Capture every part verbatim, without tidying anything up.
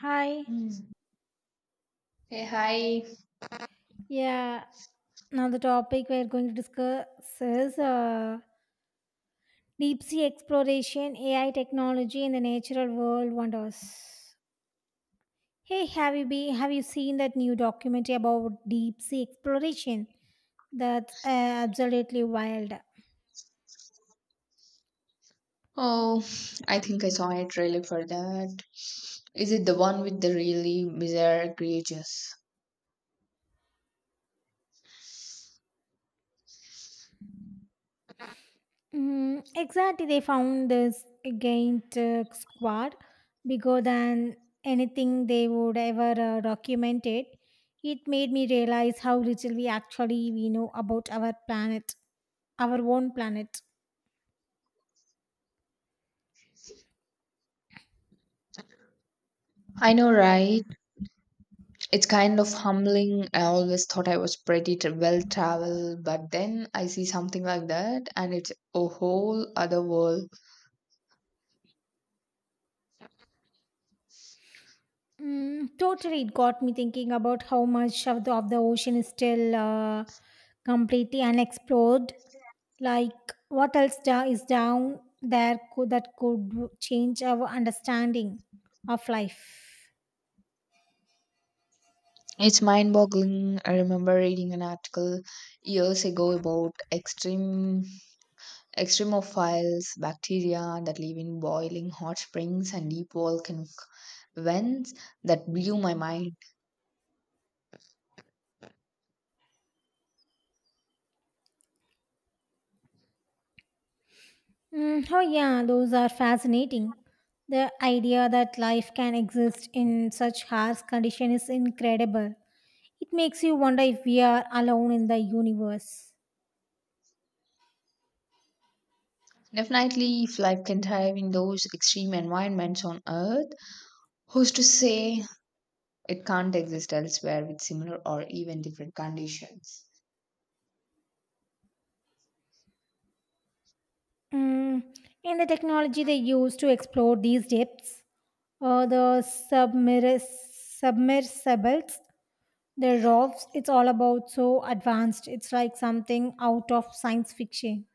Hi. Mm. Hey, hi. Yeah. Now the topic we're going to discuss is uh, deep sea exploration, A I technology, and the natural world wonders. Hey, have you been? Have you seen that new documentary about deep sea exploration? That's uh, absolutely wild. Oh, I think I saw a trailer for that. Is it the one with the really bizarre creatures? Mm, exactly, they found this giant uh, squad bigger than anything they would ever uh, document it. It made me realize how little we actually we know about our planet, our own planet. I know, right? It's kind of humbling. I always thought I was pretty tra- well traveled, but then I see something like that, and it's a whole other world. Mm, totally, it got me thinking about how much of the, of the ocean is still uh, completely unexplored. Like, what else da- is down there could, that could change our understanding of life? It's mind boggling. I remember reading an article years ago about extreme extremophiles bacteria that live in boiling hot springs and deep volcanic events that blew my mind. Mm, oh, yeah, those are fascinating. The idea that life can exist in such harsh conditions is incredible. It makes you wonder if we are alone in the universe. Definitely, if life can thrive in those extreme environments on Earth, who's to say it can't exist elsewhere with similar or even different conditions? Mm, and the technology they use to explore these depths, uh, the submer submersibles, the rovers, it's all about so advanced. It's like something out of science fiction.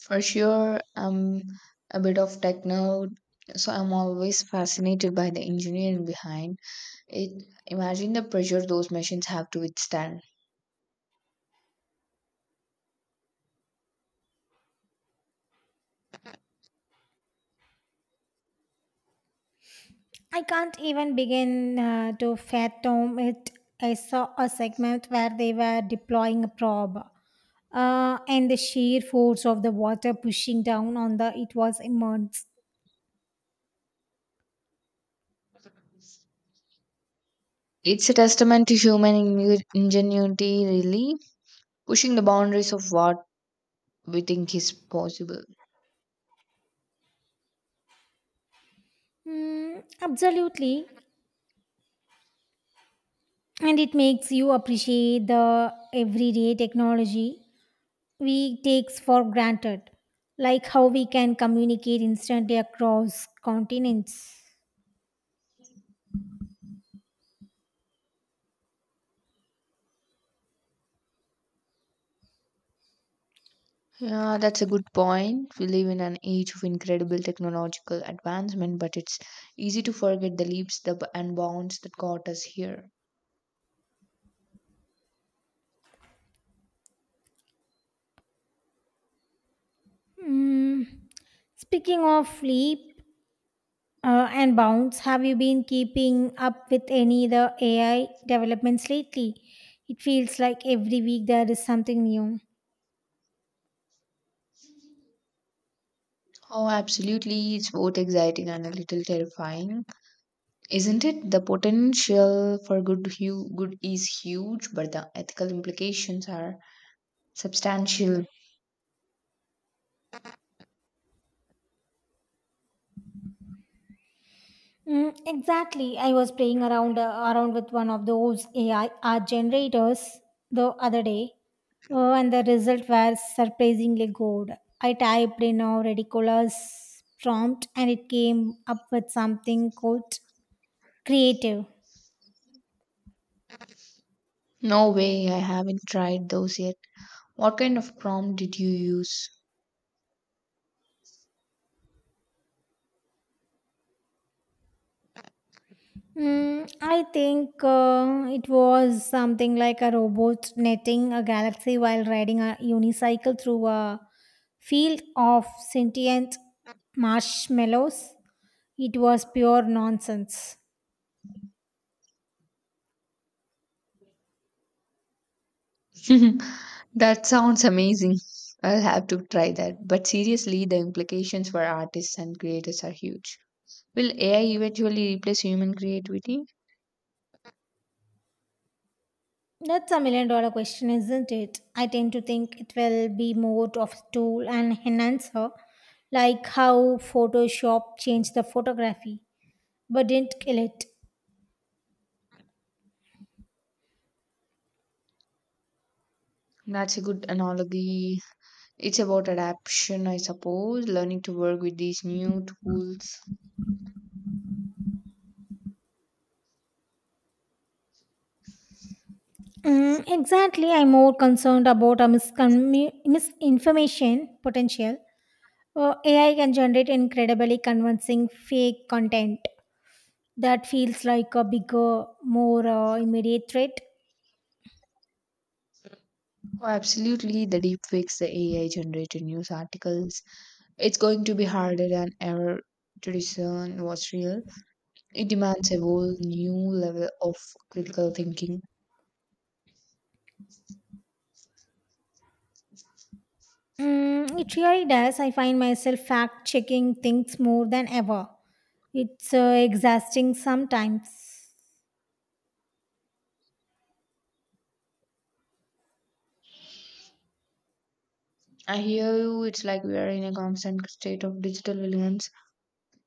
For sure, I'm a bit of tech nerd, so I'm always fascinated by the engineering behind it. Imagine the pressure those machines have to withstand. I can't even begin uh, to fathom it. I saw a segment where they were deploying a probe, uh, and the sheer force of the water pushing down on the it was immense. It's a testament to human ingen- ingenuity, really, pushing the boundaries of what we think is possible. Mm, absolutely, and it makes you appreciate the everyday technology we takes for granted, like how we can communicate instantly across continents. Yeah, that's a good point. We live in an age of incredible technological advancement, but it's easy to forget the leaps the, and bounds that got us here. Mm, speaking of sleep, Uh, and Bounce, have you been keeping up with any of the A I developments lately? It feels like every week there is something new. Oh, absolutely. It's both exciting and a little terrifying, isn't it? The potential for good, hu- good is huge, but the ethical implications are substantial. Mm, exactly. I was playing around uh, around with one of those A I art generators the other day, uh, and the result was surprisingly good. I typed in a ridiculous prompt, and it came up with something quote creative. No way, I haven't tried those yet. What kind of prompt did you use? Mm, I think uh, it was something like a robot netting a galaxy while riding a unicycle through a field of sentient marshmallows. It was pure nonsense. That sounds amazing. I'll have to try that. But seriously, the implications for artists and creators are huge. Will A I eventually replace human creativity? That's a million dollar question, isn't it? I tend to think it will be more of a tool and enhancer, like how Photoshop changed the photography but didn't kill it. That's a good analogy. It's about adaptation, I suppose, learning to work with these new tools. Mm, exactly. I'm more concerned about a miscommu- misinformation potential. Uh, A I can generate incredibly convincing fake content that feels like a bigger, more uh, immediate threat. Oh, absolutely, the deepfakes, the A I generated news articles. It's going to be harder than ever to discern what's real. It demands a whole new level of critical thinking. Mm, it really does. I find myself fact checking things more than ever. It's uh, exhausting sometimes. I hear you. It's like we are in a constant state of digital villains.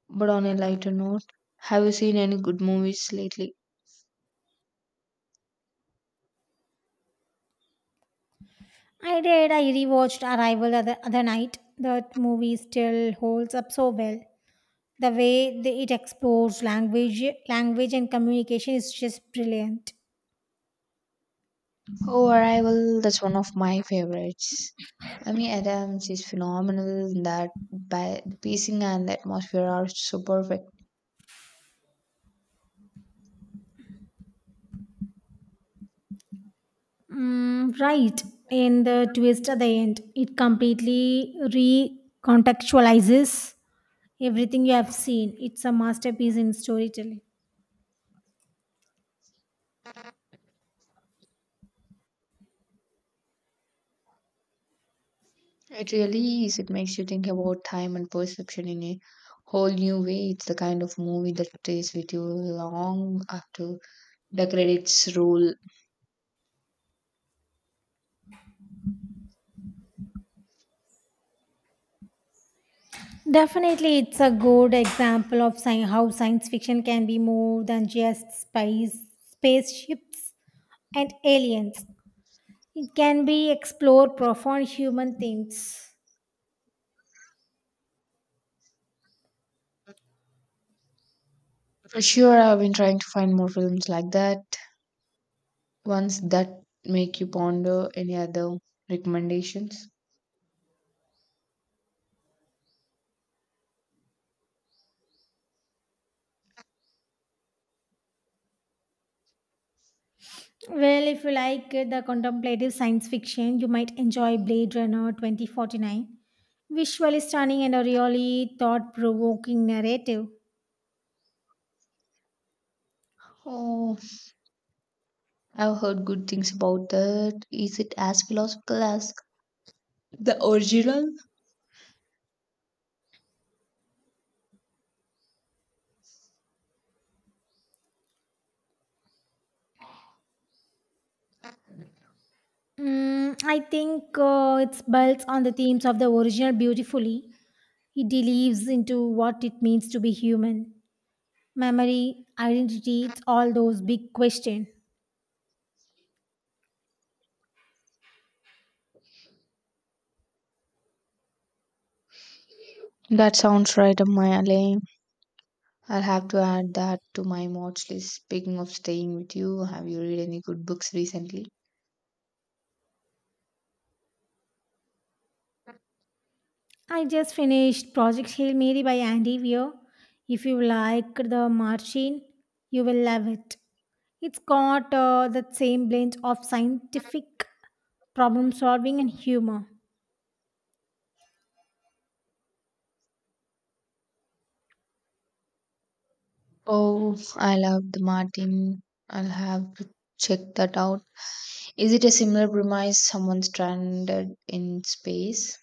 But on a lighter note, have you seen any good movies lately? I did. I rewatched Arrival the other other night. That movie still holds up so well. The way they, it explores language language and communication is just brilliant. Oh, Arrival, that's one of my favorites. Amy Adams is phenomenal in that by the pacing and the atmosphere are so perfect. Mm, right. And the twist at the end, it completely recontextualizes everything you have seen. It's a masterpiece in storytelling. It really is. It makes you think about time and perception in a whole new way. It's the kind of movie that stays with you long after the credits roll. Definitely, it's a good example of sci- how science fiction can be more than just space, spaceships and aliens. It can be explore profound human things. For sure, I've been trying to find more films like that, ones that make you ponder. Any other recommendations? Well, if you like uh, the contemplative science fiction, you might enjoy Blade Runner twenty forty-nine. Visually stunning and a really thought provoking narrative. Oh, I've heard good things about that. Is it as philosophical as the original? Mm, I think uh, it builds on the themes of the original beautifully. It delves into what it means to be human memory, identity, it's all those big questions. That sounds right up my alley. I'll have to add that to my watch list. Speaking of staying with you, have you read any good books recently? I just finished Project Hail Mary by Andy Weir. If you like The Martian, you will love it. It's got uh, that same blend of scientific problem solving and humor. Oh, I love the Martin. I'll have to check that out. Is it a similar premise? Someone stranded in space?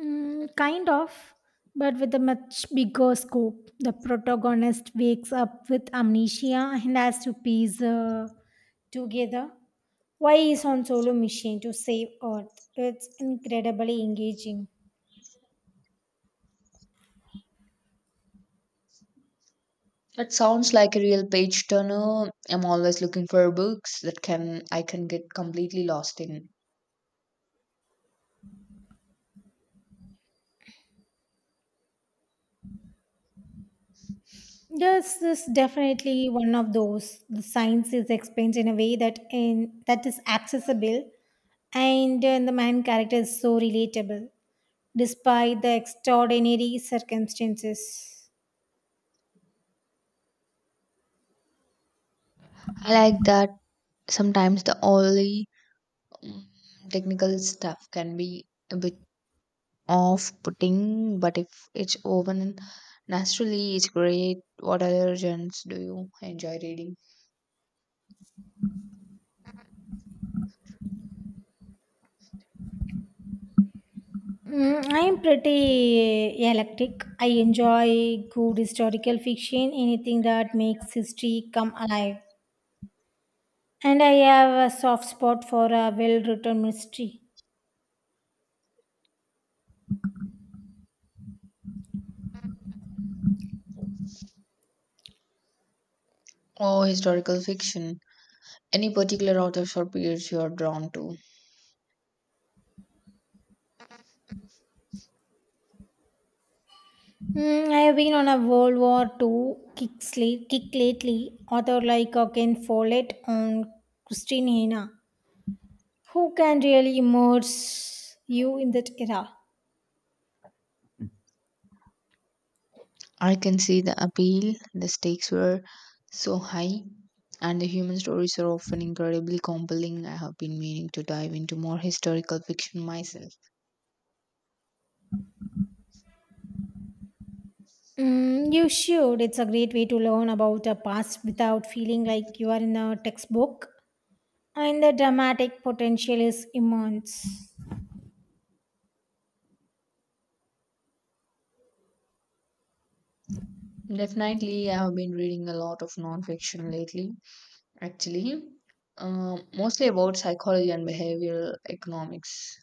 Mm, kind of, but with a much bigger scope. The protagonist wakes up with amnesia and has to piece uh, together why he's on solo mission to save Earth. It's incredibly engaging. That sounds like a real page turner. I'm always looking for books that can I can get completely lost in. Yes, this is definitely one of those. The science is explained in a way that in that is accessible, and, uh, the man character is so relatable, despite the extraordinary circumstances. I like that sometimes the only mm, technical stuff can be a bit off-putting, but if it's woven naturally, it's great. What other genres do you enjoy reading? Mm, I am pretty electric. I enjoy good historical fiction, anything that makes history come alive, and I have a soft spot for a well-written mystery. Oh, historical fiction. Any particular authors or periods you are drawn to? Mm, I have been on a World War Two kick, sla- kick lately. Author like uh, Ken Follett and Christine Hannah. Who can really immerse you in that era? I can see the appeal. The stakes were so high, and the human stories are often incredibly compelling. I have been meaning to dive into more historical fiction myself. Mm, you should. It's a great way to learn about the past without feeling like you are in a textbook. And the dramatic potential is immense. Definitely, I have been reading a lot of non-fiction lately, actually, um, mostly about psychology and behavioral economics.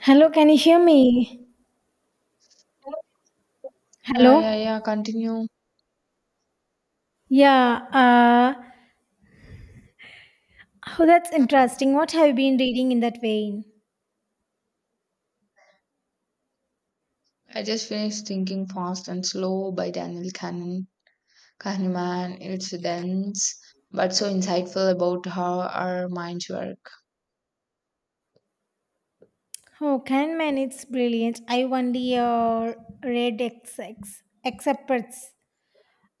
Hello, can you hear me? Yeah, yeah, Hello? yeah. Continue. Yeah, uh, oh, that's interesting. What have you been reading in that vein? I just finished Thinking Fast and Slow by Daniel Kahneman. Kahneman. It's dense, but so insightful about how our minds work. Oh, Kahneman, it's brilliant. I only uh, read X X, excerpts,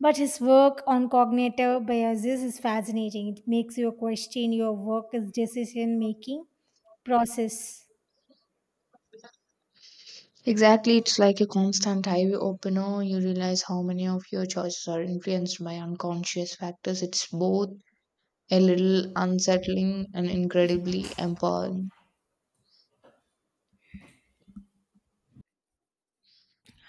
but his work on cognitive biases is fascinating. It makes you question your work's decision making process. Exactly, it's like a constant highway opener. You realize how many of your choices are influenced by unconscious factors. It's both a little unsettling and incredibly empowering.